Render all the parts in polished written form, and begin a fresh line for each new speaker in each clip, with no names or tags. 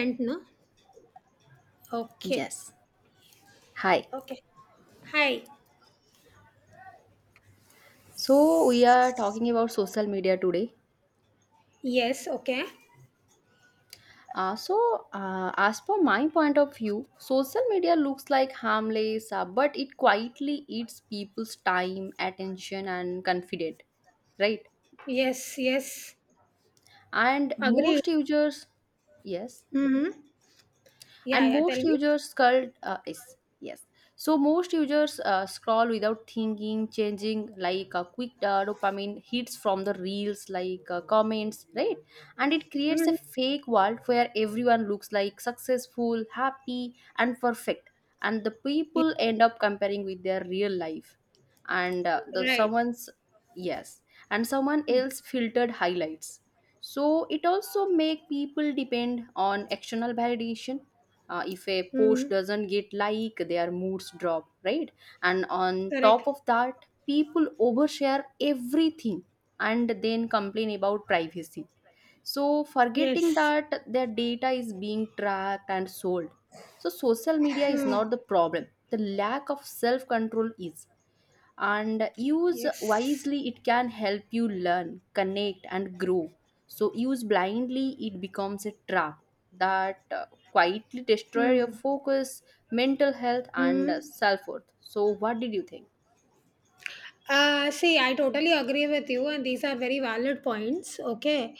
And no? Okay.
Yes. Hi.
Okay. Hi.
So we are talking about social media today.
Yes. Okay.
As per my point of view, social media looks like harmless, but it quietly eats people's time, attention, and confidence, right?
Yes. Yes.
And
Agree.
most users, yes.
Mm-hmm. Yeah.
and
Yeah. Tell
most
me.
users scroll yes yes so most users scroll without thinking, changing like a quick dopamine hits from the reels like comments, right? And it creates
Mm-hmm.
a fake world where everyone looks like successful, happy, and perfect, and the
Yeah,
people end up comparing with their real life. and uh, the
right.
someone's yes and someone else filtered highlights. So it also make people depend on external validation. If a post
Mm-hmm.
doesn't get like, their moods drop, right? And on top
Correct.
of that, people overshare everything and then complain about privacy, so forgetting
Yes.
that their data is being tracked and sold. So social media is
Mm.
not the problem, the lack of self control is. And use
Yes.
wisely, it can help you learn, connect, and grow. So use blindly, it becomes a trap that quietly destroy your
Mm.
focus, mental health, and
Mm.
self-worth. So what did you think?
See, I totally agree with you, and these are very valid points. Okay,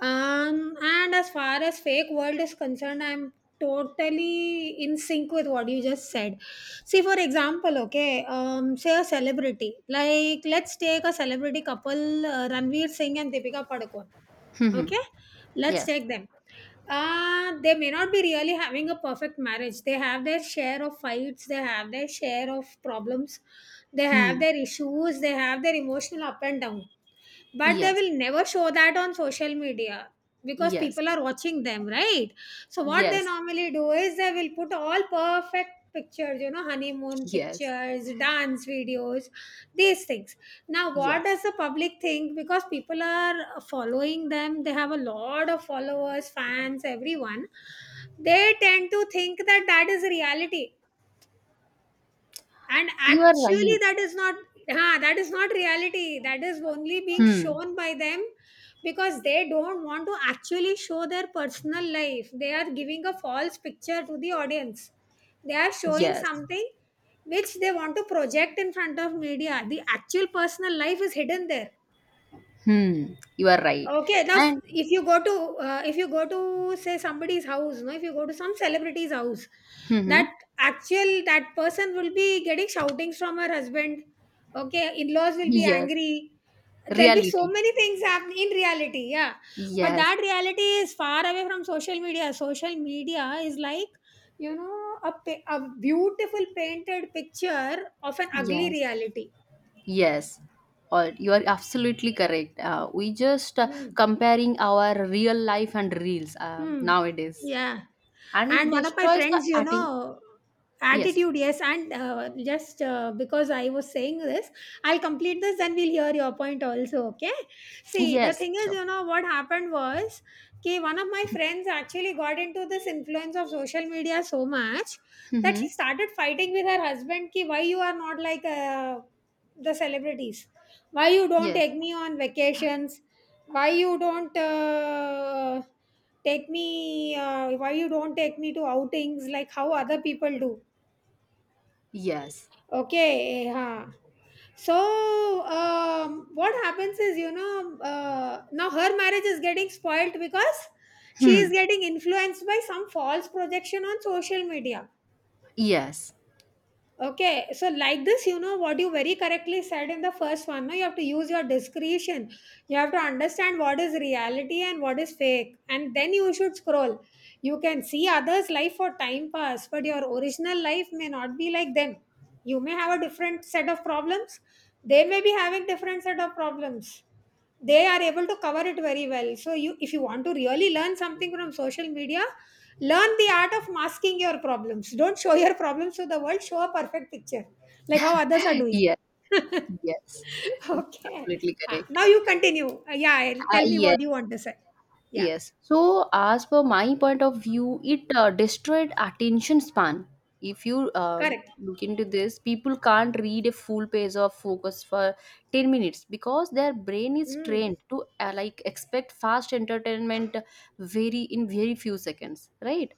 and as far as fake world is concerned, I'm totally in sync with what you just said. See, for example, okay, say a celebrity, like let's take a celebrity couple, Ranveer Singh and Deepika Padukone.
Hmm.
Okay, let's
Yes.
take them. They may not be really having a perfect marriage. They have their share of fights, they have their share of problems, they have
Hmm.
their issues, they have their emotional up and down, but they
Yes.
will never show that on social media because
Yes.
people are watching them, right? So what they
Yes.
normally do is they will put all perfect pictures, you know, honeymoon
Yes.
pictures, dance videos, these things. Now what
Yes,
does the public think? Because people are following them, they have a lot of followers, fans, everyone, they tend to think that that is reality, and
you are
actually
right.
that is not. Huh, that is not reality, that is only being
Hmm.
shown by them, because they don't want to actually show their personal life. They are giving a false picture to the audience, they are showing
Yes.
something which they want to project in front of media. The actual personal life is hidden there.
Hmm, you are right.
Okay, now
And
if you go to if you go to say somebody's house, no, if you go to some celebrity's house,
hmm,
that actual that person will be getting shoutings from her husband. Okay, in-laws will be
yes.
angry. There'll be so
Reality.
many things happen in reality, yeah. But
Yes.
that reality is far away from social media. Social media is like, you know, a beautiful painted picture of an ugly
Yes.
reality.
Yes, or you are absolutely correct. We just
Hmm.
comparing our real life and reels
Hmm.
nowadays,
Yeah.
and it
And one of my
destroys the
friends, you
atten-
know,
Yes,
attitude, yes. And just because I was saying this, I'll complete this, then we'll hear your point also, okay? See, the
yes,
thing is,
sure.
you know, what happened was, okay, one of my friends actually got into this influence of social media so much that she
Mm-hmm.
started fighting with her husband, ki, why you are not like the celebrities? Why you don't take
Yes,
me on vacations? Why you don't. Take me, why you don't take me to outings like how other people do,
yes,
okay, huh. So what happens is, you know, now her marriage is getting spoiled because she is
hmm.
getting influenced by some false projection on social media.
Yes,
Okay, so like this, you know what you very correctly said in the first one. No, you have to use your discretion. You have to understand what is reality and what is fake, and then you should scroll. You can see others' life for time pass, but your original life may not be like them. You may have a different set of problems. They may be having different set of problems. They are able to cover it very well. So you, if you want to really learn something from social media, learn the art of masking your problems. Don't show your problems to the world, show a perfect picture. Like how others are doing.
yes, yes.
okay.
Absolutely
Ah,
correct.
now you continue. Tell me
Yes.
what you want to say. Yeah.
Yes. So, as per my point of view, it destroyed attention span. If you
Correct.
Look into this, people can't read a full page of focus for 10 minutes because their brain is
Mm,
trained to like expect fast entertainment very in very few seconds, right?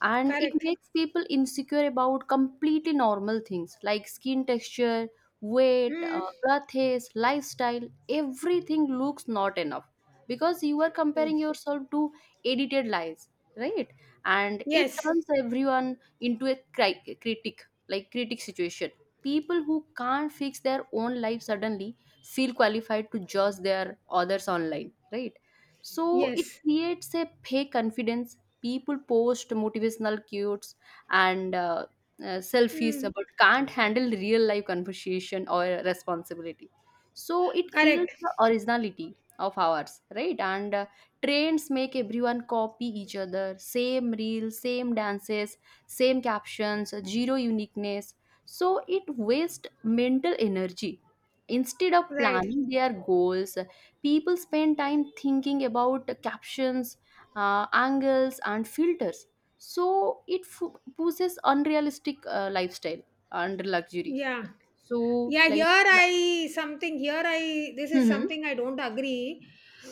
And it
correct.
makes people insecure about completely normal things like skin texture, weight,
Mm.
birth haze, lifestyle, everything looks not enough because you are comparing yourself to edited lies, right? And it
Yes.
turns everyone into a critic, like critic situation. People who can't fix their own life suddenly feel qualified to judge their others online, right? So it
Yes.
creates a fake confidence. People post motivational quotes and selfies
Mm.
but can't handle real life conversation or responsibility. So it kills
Correct.
the originality of ours, right? And trends make everyone copy each other, same reels, same dances, same captions, zero uniqueness. So it wastes mental energy instead of
Right.
planning their goals. People spend time thinking about captions, angles, and filters. So it pushes unrealistic lifestyle and luxury.
Yeah.
So
Yeah, here
like,
I something here I This is
mm-hmm,
something I don't agree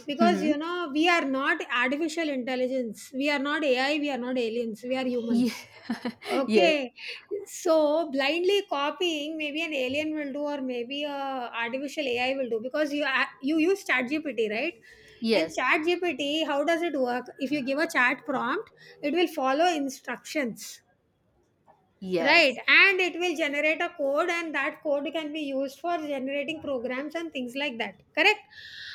because
mm-hmm.
you know we are not artificial intelligence. We are not AI, we are not aliens, we are
Ye-
humans.
yes,
Okay. So blindly copying, maybe an alien will do, or maybe a artificial AI will do, because you use ChatGPT, right? And
yes,
ChatGPT, how does it work? If you give a chat prompt, it will follow instructions. Right,
yes,
and it will generate a code, and that code can be used for generating programs and things like that. Correct?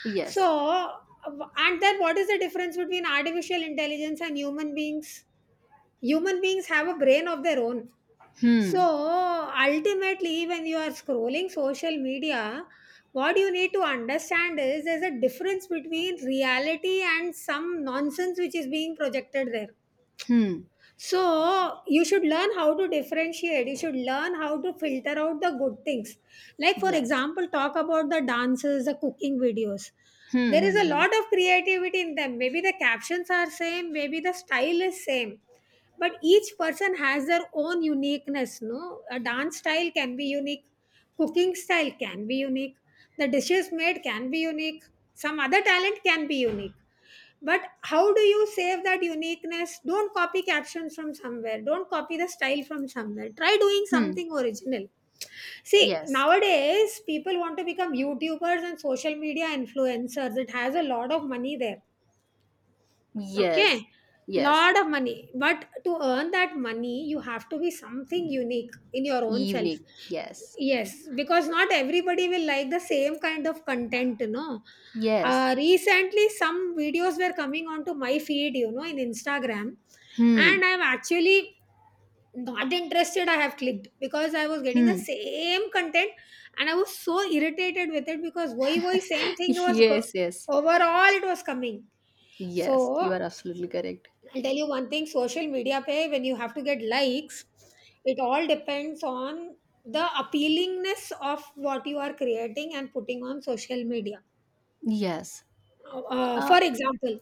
yes.
So, and then what is the difference between artificial intelligence and human beings? Human beings have a brain of their own. So,
Hmm.
ultimately, when you are scrolling social media, what you need to understand is there's a difference between reality and some nonsense which is being projected there.
Hmm.
So you should learn how to differentiate. You should learn how to filter out the good things. Like for
Yes.
example, talk about the dances, the cooking videos.
Hmm.
There is
Hmm.
a
Hmm.
lot of creativity in them. Maybe the captions are same, maybe the style is same. But each person has their own uniqueness, no? A dance style can be unique, cooking style can be unique, the dishes made can be unique, some other talent can be unique, but how do you save that uniqueness? Don't copy captions from somewhere, don't copy the style from somewhere, try doing
Hmm.
something original. See,
Yes,
nowadays people want to become youtubers and social media influencers, it has a lot of money there, okay,
yes, yes,
lot of money. But to earn that money, you have to be something unique in your own self.
evening, yes,
Yes, because not everybody will like the same kind of content, you know.
yes.
Recently some videos were coming onto my feed, you know, in instagram,
Hmm.
and I'm actually not interested. I have clicked because I was getting the
Hmm.
same content, and I was so irritated with it because why same thing was
yes, yes,
overall it was coming.
yes, you are
So
absolutely correct.
I'll tell you one thing, social media Pe, when you have to get likes, it all depends on the appealingness of what you are creating and putting on social media.
Yes. uh
For example,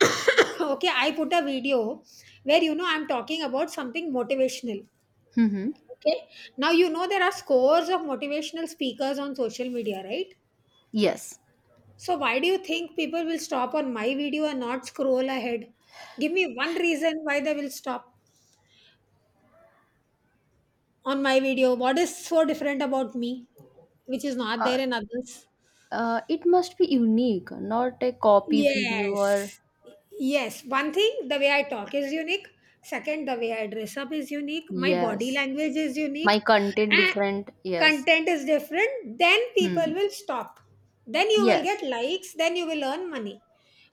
okay, I put a video where, you know, I'm talking about something motivational,
mm-hmm.
okay. Now you know there are scores of motivational speakers on social media, right?
Yes.
So why do you think people will stop on my video and not scroll ahead? Give me one reason why they will stop on my video, what is so different about me which is not
Uh,
there in others.
it must be unique, not a copy video, or
Yes. Yes. One thing, the way I talk is unique. Second, the way I dress up is unique. My body
yes.
language is unique.
My content
And
different. Yes.
content is different. Then people
Hmm.
will stop. Then you will get
Yes.
likes. Then you will earn money.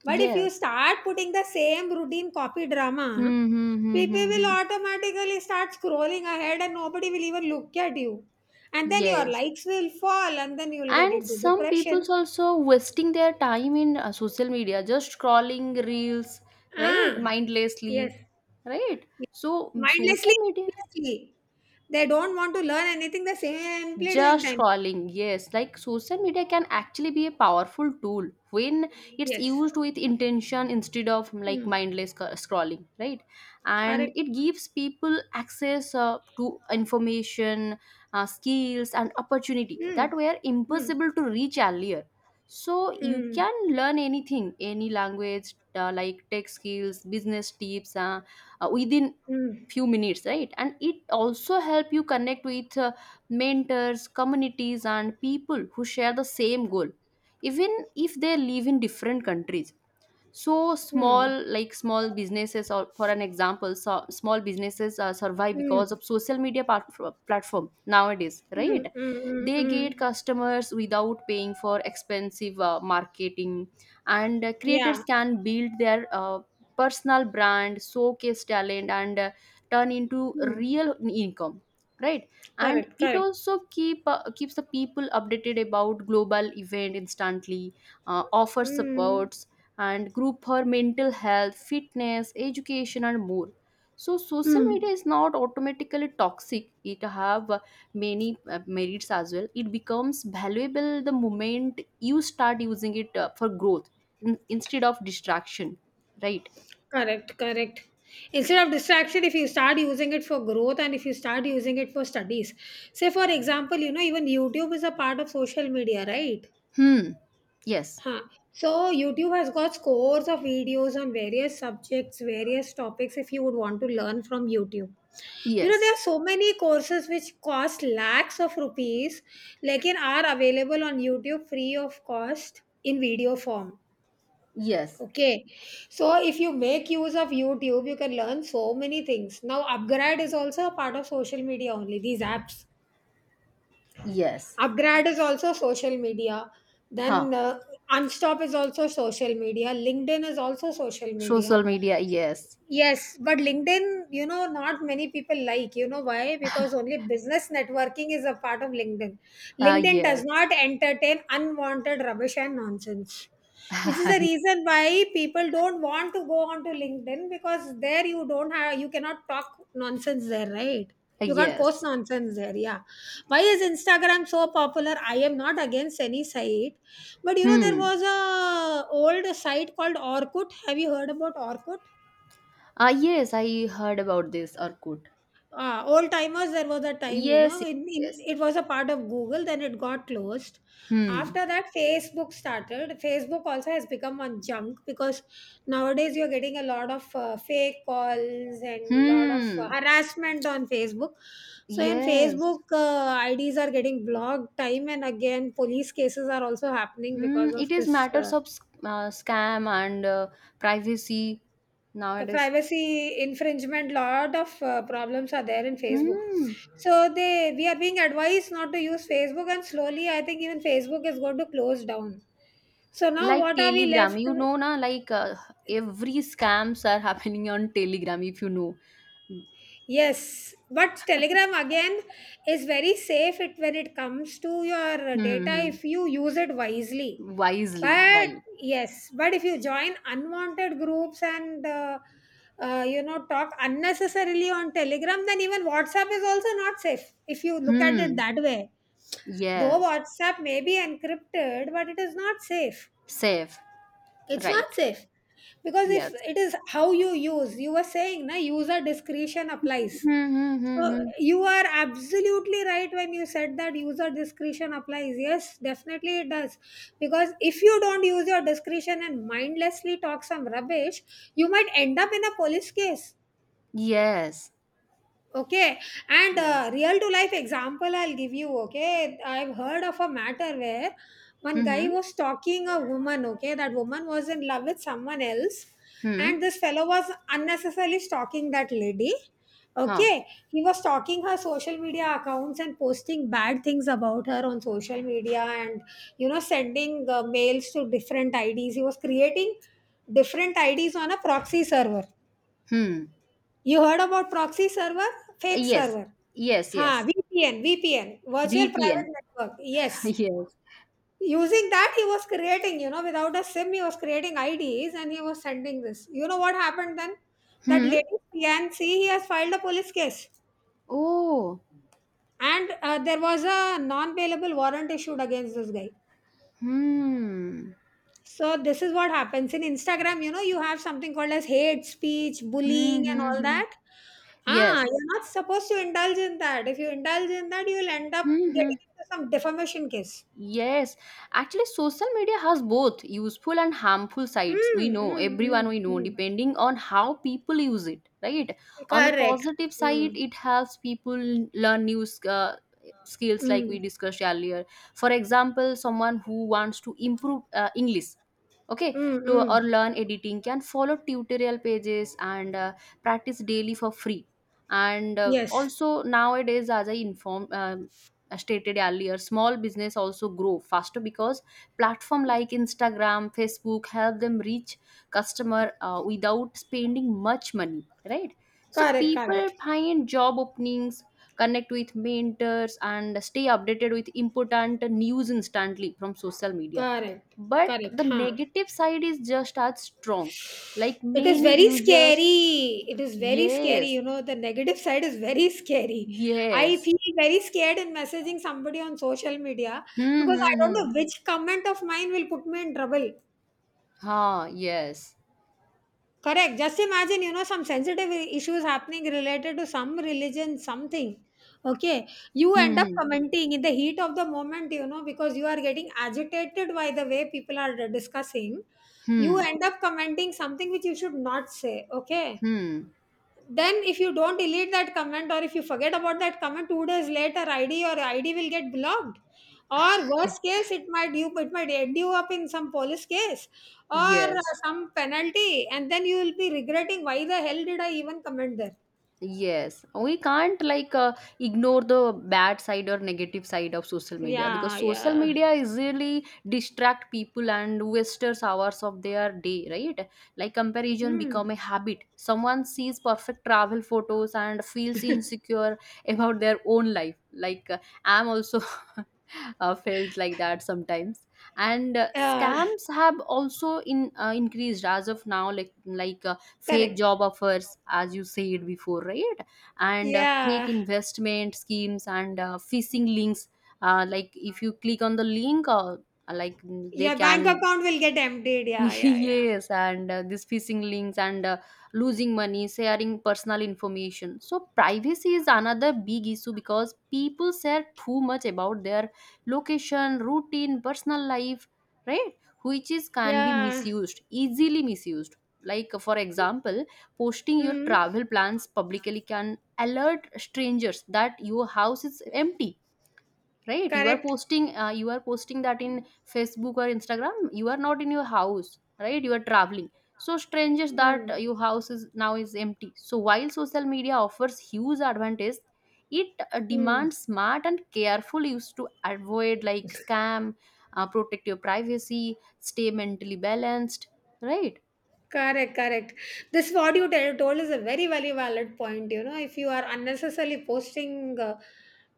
But if you
Yes.
start putting the same routine copy drama,
Hmm. Hmm. Hmm.
people
Hmm.
will
Hmm.
automatically start scrolling ahead and nobody will even look at you. And then your
Yes.
likes will fall and then you will get
And
into
some people's
depression.
also wasting their time in social media, just scrolling reels, right?
Ah, yes.
Mindlessly, right? So mm,
Mindlessly,
social media.
mindlessly. They don't want to learn anything, they're simply doing
Just
time.
scrolling, yes. Like, social media can actually be a powerful tool when it's
Yes.
used with intention instead of
Hmm.
like mindless scrolling, right? And
Correct.
it gives people access to information, skills, and opportunity
Hmm.
that were
Hmm.
impossible to reach earlier. So you
Hmm.
can learn anything, any language, like tech skills, business tips, within
Hmm.
few minutes, right? And it also help you connect with mentors, communities, and people who share the same goal, even if they live in different countries. So small,
Hmm.
like small businesses, or for an example, so small businesses survive
Hmm.
because
Hmm.
of social media platform nowadays,
Hmm.
right?
Hmm.
They
Hmm.
get customers without paying for expensive marketing. And
Yeah.
creators can build their personal brand, showcase talent, and turn into
Hmm.
real income, right? And
Correct.
it
Correct.
also keep keeps the people updated about global event instantly, offer
Hmm.
support and group for mental health, fitness, education, and more. So social
Hmm.
media is not automatically toxic. It have many merits as well. It becomes valuable the moment you start using it for growth instead of distraction. Right?
Correct. Correct. Instead of distraction, if you start using it for growth and if you start using it for studies, say for example, you know, even YouTube is a part of social media, right?
Hmm. Yes.
Huh. So YouTube has got scores of videos on various subjects, various topics, if you would want to learn from YouTube. You know,
Yes.
there are so many courses which cost lakhs of rupees, like in are available on YouTube free of cost in video form.
Yes.
Okay. So if you make use of YouTube, you can learn so many things. Now, Upgrad is also a part of social media only, these apps,
Yes.
upgrad is also social media,
Huh.
then unstop is also social media, linkedin is also social media.
Social media. Yes.
Yes, but LinkedIn, you know, not many people like. You know why? Because only business networking is a part of LinkedIn. LinkedIn does
Yes.
not entertain unwanted rubbish and nonsense, which is the reason why people don't want to go onto LinkedIn, because there you don't have, you cannot talk nonsense there, right? You can't post
yes.
nonsense there, yeah. Why is Instagram so popular? I am not against any site, but you know, there
Hmm.
was a old site called Orkut. Have you heard about Orkut?
Ah, yes, I heard about this, Orkut.
Old timers, there was a time, you know,
Yes, yes. Yes.
it was a part of google, then it got closed.
Hmm.
After that facebook started. Facebook also has become one junk, because nowadays you're getting a lot of fake calls and lot of
Hmm.
harassment on facebook. So in
Yes.
facebook, ids are getting blocked time and again, police cases are also happening
Hmm.
because of
It is
this
matters of scam and privacy
a
nowadays.
privacy infringement. Lot of problems are there in facebook,
Hmm.
so they, we are being advised not to use facebook, and slowly I think even facebook is going to close down. So now
Like
what are we
Telegram,
left
you
with?
know, na like every scams are happening on Telegram. If you know, hmm.
Yes, but Telegram again is very safe it when it comes to your data,
Hmm, hmm.
if you use it wisely.
Wisely,
But
right?
yes, but if you join unwanted groups and you know, talk unnecessarily on Telegram, then even WhatsApp is also not safe if you look at it
Hmm.
that way. Though
Yes.
WhatsApp may be encrypted, but it is not safe.
Safe,
It's not
right?
safe because if
Yes.
it is how you use, you were saying, na user discretion applies
Hmm. Hmm.
so
Hmm. Hmm.
you are absolutely right when you said that user discretion applies. Yes, definitely it does. Because if you don't use your discretion and mindlessly talk some rubbish, you might end up in a police case.
Yes.
Okay, and
Yes.
real to life example I'll give you. Okay, I've heard of a matter where one
Hmm.
guy
Hmm.
was stalking a woman. Okay, that woman was in love with someone else,
Hmm.
and this fellow was unnecessarily stalking that lady.
Huh.
Okay, he was stalking her social media accounts and posting bad things about her on social media, and you know, sending mails to different IDs. He was creating different IDs on a proxy server.
Hmm.
You heard about proxy server? Fake
Yes,
server.
yes,
Ha,
yes.
VPN, virtual private
VPN.
network. Yes.
Yes.
Using that, he was creating, you know, without a SIM, he was creating IDs and he was sending this. You know what happened then? That
Hmm.
lady, PNC, he has filed a police case.
Oh.
And there was a non bailable warrant issued against this guy.
Hmm.
So this is what happens in Instagram. You know, you have something called as hate speech,
Hmm.
bullying, and
Hmm.
all
Hmm.
that. Ah,
Yes.
you're not supposed to indulge in that. If you indulge in that, you'll end up
Hmm. Hmm.
getting into some defamation case.
Yes, actually, social media has both useful and harmful sides.
Mm,
We know,
mm,
everyone
mm,
we know,
mm.
depending on how people use it, right? On the
Correct.
positive side,
Mm,
it helps people learn new skills, like we
mm,
discussed earlier. For example, someone who wants to improve English, okay,
mm,
to or
mm.
learn editing can follow tutorial pages and practice daily for free. And
Yes.
also nowadays, as I informed, stated earlier, small business also grow faster because platform like Instagram, Facebook help them reach customer without spending much money, right? So
Correct.
people
Correct.
find job openings, connect with mentors, and stay updated with important news instantly from social media.
Correct.
But
Correct.
the
Huh.
negative side is just as strong, like
It is
many
very
users,
scary. It is very scary.
yes,
You know, the negative side is very scary. I
yes.
feel very scared in messaging somebody on social media
Hmm,
because I
hmm,
don't
hmm.
know which comment of mine will put me in trouble.
Ha, yes.
Correct. Just imagine, you know, some sensitive issues happening related to some religion, something. Okay. You
Hmm,
end up
hmm,
commenting in the heat of the moment, you know, because you are getting agitated by the way people are discussing. You
hmm.
end up commenting something which you should not say. Okay,
Hmm.
then if you don't delete that comment or if you forget about that comment two days later, id or id will get blocked, or worst case it might you it might end you up in some police case or
Yes.
some penalty, and then you will be regretting why the hell did I even comment there.
Yes. We can't like ignore the bad side or negative side of social media
Yeah,
because social
yeah.
media easily distract people and wasters hours of their day, right? Like comparison
mm.
become a habit. Someone sees perfect travel photos and feels insecure about their own life. Like I'm also felt like that sometimes. And
uh,
scams have also in increased as of now. Like like. Fake
Correct.
job offers as you said before, right? And fake
Yeah,
investment schemes and phishing links, like if you click on the link, like mm, they
your bank
can
account will get emptied, yeah, yeah, yeah,
yes. And these phishing links and losing money, sharing personal information. So, privacy is another big issue because people share too much about their location, routine, personal life, right? Which is can be
yeah.
misused, easily misused. Like, for example, posting your
mm.
travel plans publicly can alert strangers that your house is empty, right? You are
Correct.
posting you are posting that in Facebook or Instagram, you are not in your house, right? You are traveling, so strangers that
mm.
your house is now is empty. So while social media offers huge advantage, it
Mm.
demands smart and careful use to avoid like scam, protect your privacy, stay mentally balanced, right?
Correct, correct. This what you tell, told is a very, very valid point. You know, if you are unnecessarily posting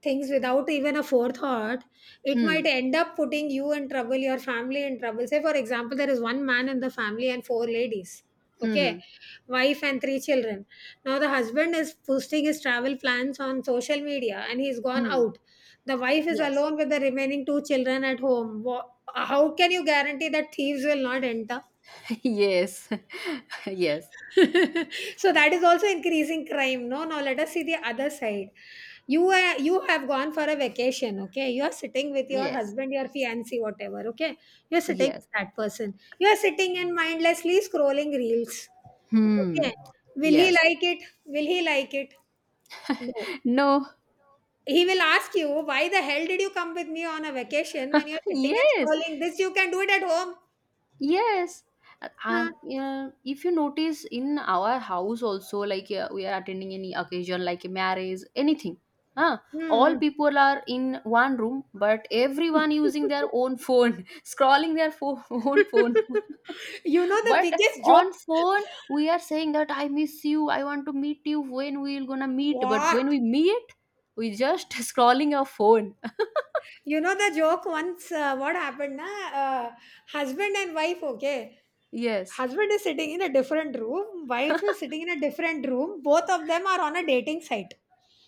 things without even a forethought, it might
Hmm,
end up putting you in trouble, your family in trouble. Say, for example, there is one man in the family and four ladies.
hmm,
Okay,
hmm,
wife and three children. Now the husband is posting his travel plans on social media and he's gone
hmm.
out. The wife is
Yes.
alone with the remaining two children at home. How can you guarantee that thieves will not enter?
yes. yes,
So that is also increasing crime. No, no, let us see the other side. You have gone for a vacation, okay? You are sitting with your
yes,
husband, your fiancé, whatever, okay? You are sitting
yes.
with that person. You are sitting and mindlessly scrolling reels.
Hmm.
Okay. Will he
Yes.
like it? Will he like it? No.
no.
He will ask you, why the hell did you come with me on a vacation when you're sitting and
yes,
scrolling this? You can do it at home.
yes.
Huh?
Yeah, if you notice in our house also, like we are attending any occasion like a marriage, anything, huh?
Hmm.
All people are in one room, but everyone using their own phone scrolling their own phone
You know the
but
biggest joke.
on phone we are saying that I miss you, I want to meet you, when we're gonna meet? But
What?
when we meet, we just scrolling our phone
You know the joke once what happened na uh, husband and wife, okay,
yes.
husband is sitting in a different room, wife is sitting in a different room, both of them are on a dating site.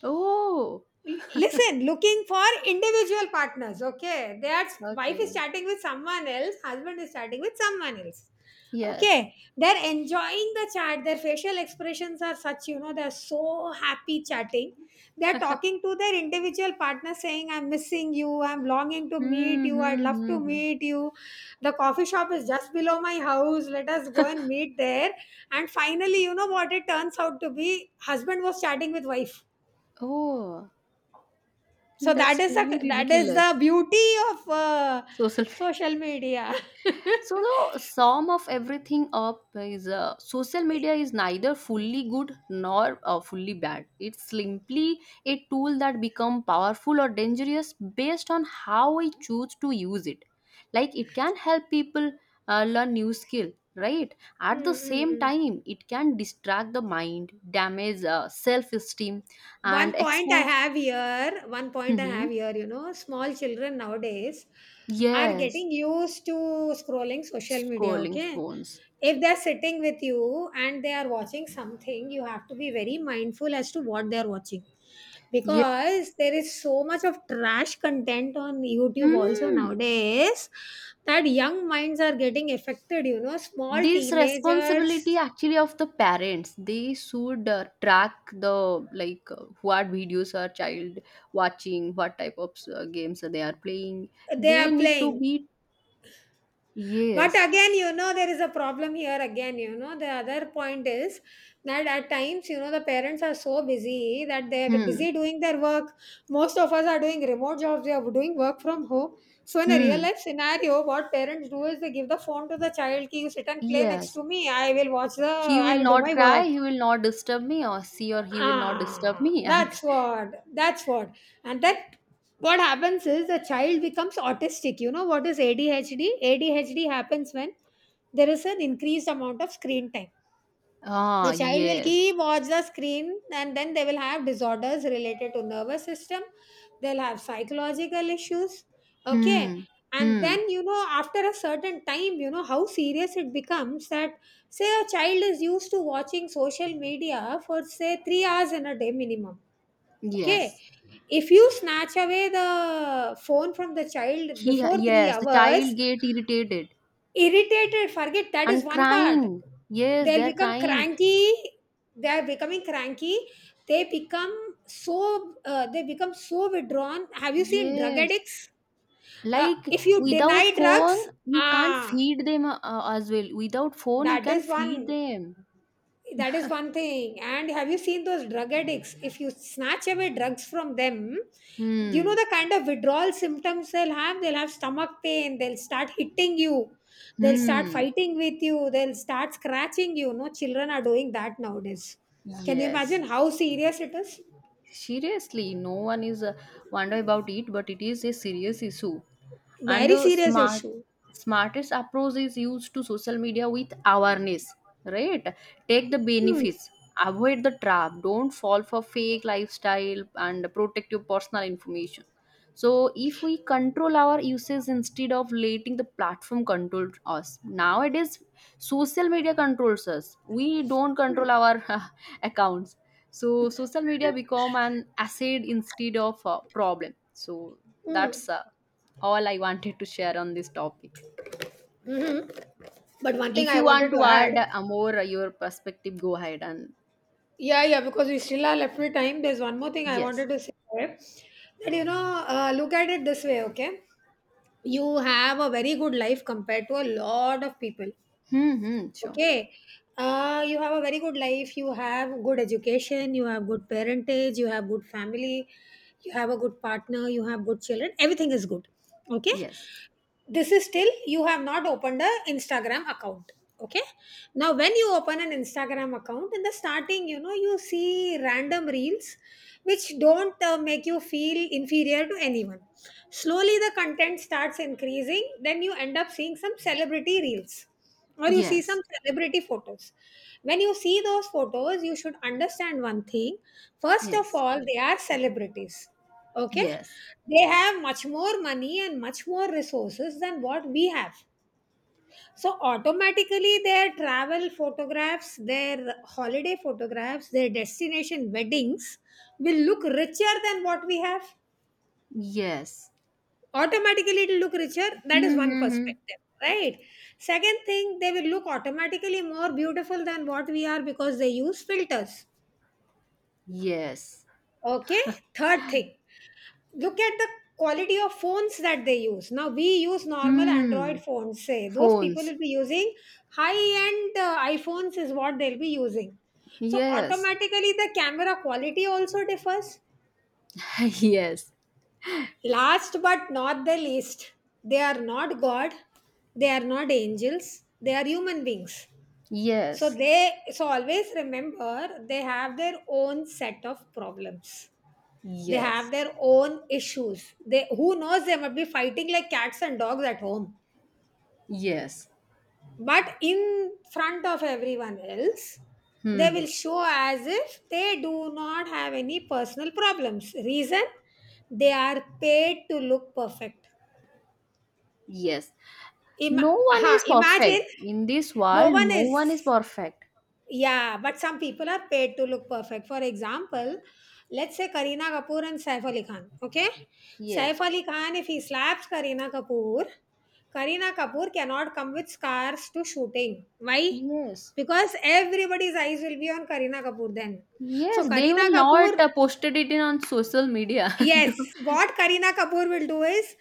Oh.
Listen, looking for individual partners, okay, they wife is
Okay.
chatting with someone else, husband is chatting with someone else.
Yes.
Okay, they're enjoying the chat. Their facial expressions are such, you know, they're so happy chatting. They're talking to their individual partner saying, I'm missing you, I'm longing to meet
Hmm,
you, I'd
hmm,
love
hmm,
to
hmm.
meet you. The coffee shop is just below my house, let us go and meet there. And finally, you know what it turns out to be? Husband was chatting with wife.
Oh,
So that
that's
is the
really
that is
ridiculous.
the beauty of
Social media.
social media.
So the sum of everything up is social media is neither fully good nor fully bad. It's simply a tool that become powerful or dangerous based on how we choose to use it. Like it can help people learn new skill, right?
mm
At the
mm
same
mm.
time, it can distract the mind, damage self esteem,
One
and
point I
expose.
have here, one point I have here, you know, small children nowadays are
Yes,
getting used to scrolling social media,
scrolling
okay?
phones.
If they're sitting with you and they are watching something, you have to be very mindful as to what they're watching
Yeah.
because there is so much of trash content on YouTube also
Mm.
nowadays that young minds are getting affected, you know, small
This responsibility
teenagers
actually of the parents. They should track the like what videos are child watching, what type of games they are playing.
they are
They need to
playing.
be,
But
yes.
again, you know, there is a problem here again, you know. The other point is that at times, you know, the parents are so busy that they're
Hmm.
busy doing their work. Most of us are doing remote jobs, we are doing work from home. So, in a real
Hmm.
life scenario, what parents do is they give the phone to the child, ki, you sit and play next
Yes.
to me. I will watch the,
He
I
will
will do
not
my work.
cry. He will not disturb me, or she or he will not disturb
Ah,
me. And
that's what. That's what. And that what happens is the child becomes autistic. You know what is ADHD? ADHD happens when there is an increased amount of screen time,
ah,
the child will
yes.
keep watch the screen and then they will have disorders related to nervous system, they'll have psychological issues, okay,
Hmm.
and
Hmm.
then you know after a certain time you know how serious it becomes that say a child is used to watching social media for say 3 hours in a day minimum, okay,
Yes.
if you snatch away the phone from the child
He,
before 3
yes, the child
hours,
get irritated
irritated, forget that is
and
one part,
crying. Yes,
they'll
they're
become
crying.
cranky, they are becoming cranky, they become so withdrawn. Have you seen drug
Yes,
addicts,
like
if you deny
without
drugs?
phone, you can't
Ah,
feed them as well. Without phone, you
that
can
is
feed
one
them.
that is one thing. And have you seen those drug addicts, if you snatch away drugs from them, do you know
Hmm.
the kind of withdrawal symptoms they'll have? They'll have stomach pain, they'll start hitting you, they'll start
Hmm.
fighting with you, they'll start scratching you. No, children are doing that nowadays. Can you imagine
Yes.
how serious it is?
Seriously, no one is wonder about it, but it is a serious issue. And
Very
the
serious
smart
issue.
smartest approach is used to social media with awareness, right? Take the
Hmm.
benefits, avoid the trap, don't fall for fake lifestyle, and protect your personal information. So if we control our uses instead of letting the platform control us nowadays, social media controls us, we don't control our accounts. So social media become an asset instead of a problem. So
Hmm.
that's all I wanted to share on this topic.
Mhm. But one thing
If
I
you want
wanted to
to
add.
add more your perspective, go ahead and
Yeah, yeah, because we still are left with time. There's one more thing I
yes.
wanted to say there. That, you know, look at it this way, okay? You have a very good life compared to a lot of people,
Hmm. Hmm, sure.
okay? You have a very good life, you have good education, you have good parentage, you have good family, you have a good partner, you have good children, everything is good, okay?
Yes.
This is still you have not opened a instagram account, okay, now when you open an instagram account in the starting you know you see random reels which don't make you feel inferior to anyone. Slowly the content starts increasing, then you end up seeing some celebrity reels or you see some
Yes.
celebrity photos. When you see those photos, you should understand one thing. First of
Yes.
all, they are celebrities. Okay?
Yes.
They have much more money and much more resources than what we have. So, automatically, their travel photographs, their holiday photographs, their destination weddings will look richer than what we have,
Yes.
automatically it'll look richer, that is
Hmm.
one
Hmm, hmm.
perspective, right? Second thing, they will look automatically more beautiful than what we are because they use filters,
Yes.
okay. Third thing, look at the quality of phones that they use. Now we use normal
Hmm.
android phones, say those people
Phones.
will be using high end iphones is what they'll be using, so
Yes.
automatically the camera quality also differs.
yes.
Last but not the least, they are not God, they are not angels, they are human beings. So
Yes.
they always remember they have their own set of problems. They have
Yes.
their own issues. They, who knows, they might be fighting like cats and dogs at home.
Yes.
But in front of everyone else, they
Hmm.
will show as if they do not have any personal problems. Reason, they are paid to look perfect.
Yes.
Ima
No one
uh
is
imagine
perfect in this
no
world.
one
No
is.
one is perfect.
Yeah, but some people are paid to look perfect. For example, let's say Kareena Kapoor and Saif Ali Khan. Okay, Saif
Yes.
Ali Khan, if he slaps Kareena Kapoor, Kareena Kapoor cannot come with scars to shooting. Why?
Yes.
Because everybody's eyes will be on Kareena Kapoor then. So
Yes, they
Kareena
will not
Kapoor,
posted it in on social media.
yes, what Kareena Kapoor will do is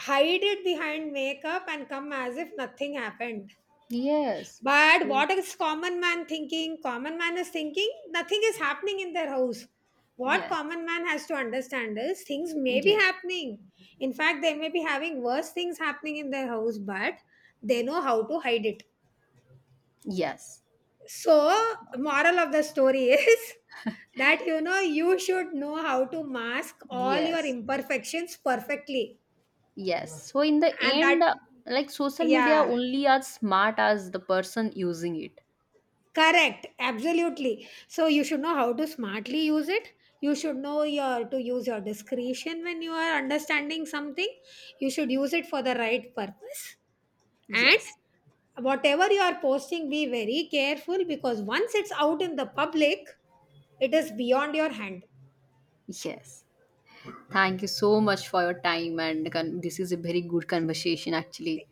hide it behind makeup and come as if nothing happened.
yes.
But
So,
what is common man thinking? Common man is thinking nothing is happening in their house. What
yes.
common man has to understand is things may be
Yes.
happening. In fact, they may be having worse things happening in their house, but they know how to hide it.
Yes.
So, moral of the story is that you know you should know how to mask all your
Yes.
imperfections perfectly.
Yes. So in the
And that,
end, like social media
yeah.
only as smart as the person using it.
Correct, absolutely. So you should know how to smartly use it. You should know your to use your discretion when you are understanding something. You should use it for the right purpose. And
Yes.
whatever you are posting, be very careful because once it's out in the public, it is beyond your hand.
Yes. Thank you so much for your time and this is a very good conversation, actually.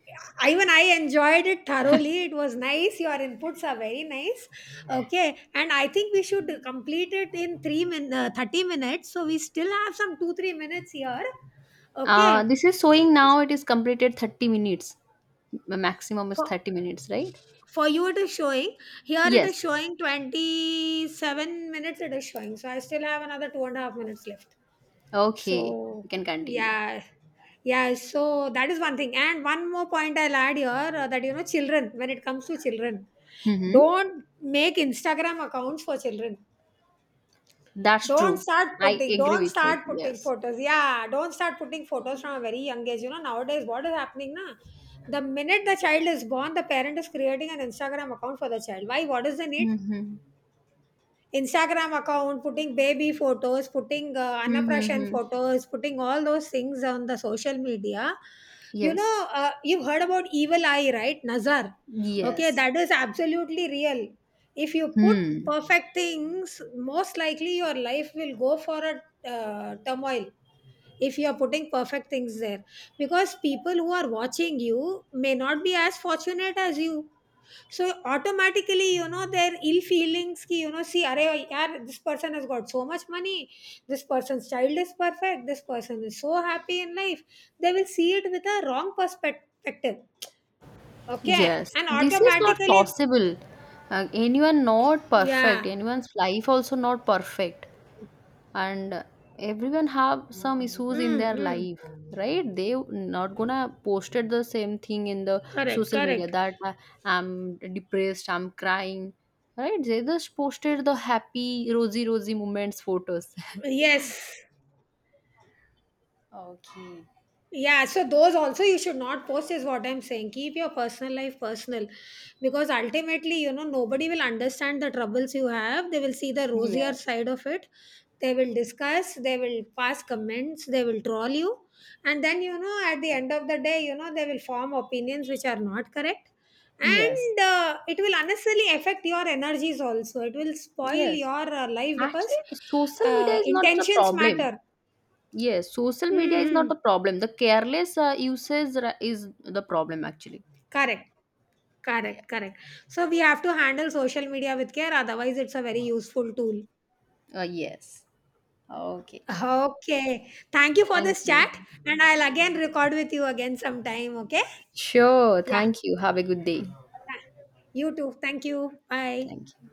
Even I enjoyed it thoroughly. It was nice. Your inputs are very nice. Okay, and I think we should complete it in 30 minutes. So we still have some 2 3 minutes here. Okay,
This is showing now it is completed 30 minutes. The maximum is
for
30 minutes, right?
for you it is showing here. It
Yes.
is showing 27 minutes. It is showing. So I still have another two and a half minutes left.
Okay.
So
We can continue.
yeah, yeah. So that is one thing. And one more point I'll add here that you know, children. When it comes to children,
Mm-hmm.
don't make Instagram accounts for children.
That's true. I agree
Don't
with it.
start putting
Yes.
photos. Yeah, don't start putting photos from a very young age. You know, nowadays what is happening now? The minute the child is born, the parent is creating an Instagram account for the child. Why? What is the need?
Mm-hmm.
Instagram account, putting baby photos, putting Annaprashan
Mm-hmm.
photos, putting all those things on the social media. You
Yes.
know, you've heard about evil eye, right? Nazar. Okay,
Yes.
that is absolutely real. If you put
Hmm.
perfect things, most likely your life will go for a turmoil if you are putting perfect things there because people who are watching you may not be as fortunate as you. So automatically, you know, their ill feelings ki, you know, see, are yaar, this person has got so much money, this person's child is perfect, this person is so happy in life. They will see it with a wrong perspective. Okay.
Yes.
And
This is not
automatically,
possible. Anyone not perfect.
yeah.
Anyone's life also not perfect. And everyone have some issues in their
Mm-mm.
life, right? They not gonna posted the same thing in the
Correct,
social media
correct.
that I'm depressed, I'm crying, right? They just posted the happy rosy rosy moments photos
Yes.
Okay.
Yeah, so those also you should not post, is what I'm saying. Keep your personal life personal because ultimately, you know, nobody will understand the troubles you have. They will see the rosier
Yes,
side of it. They will discuss, they will pass comments, they will troll you. And then, you know, at the end of the day, you know, they will form opinions which are not correct.
yes,
And it will unnecessarily affect your energies also. It will spoil
yes.
your life
Actually,
because
social media is not the
intentions
problem.
matter.
Yes, social media is not the
Mm-hmm.
problem. The careless usage is the problem, actually.
Correct.
Yeah.
Correct, correct. So we have to handle social media with care, otherwise it's a very useful tool.
Yes. Okay.
Okay. Thank you for
Thank
this
you.
chat and I'll again record with you again sometime, okay?
Sure.
Yeah.
Thank you. Have a good day.
You too. Thank you. Bye.
Thank you.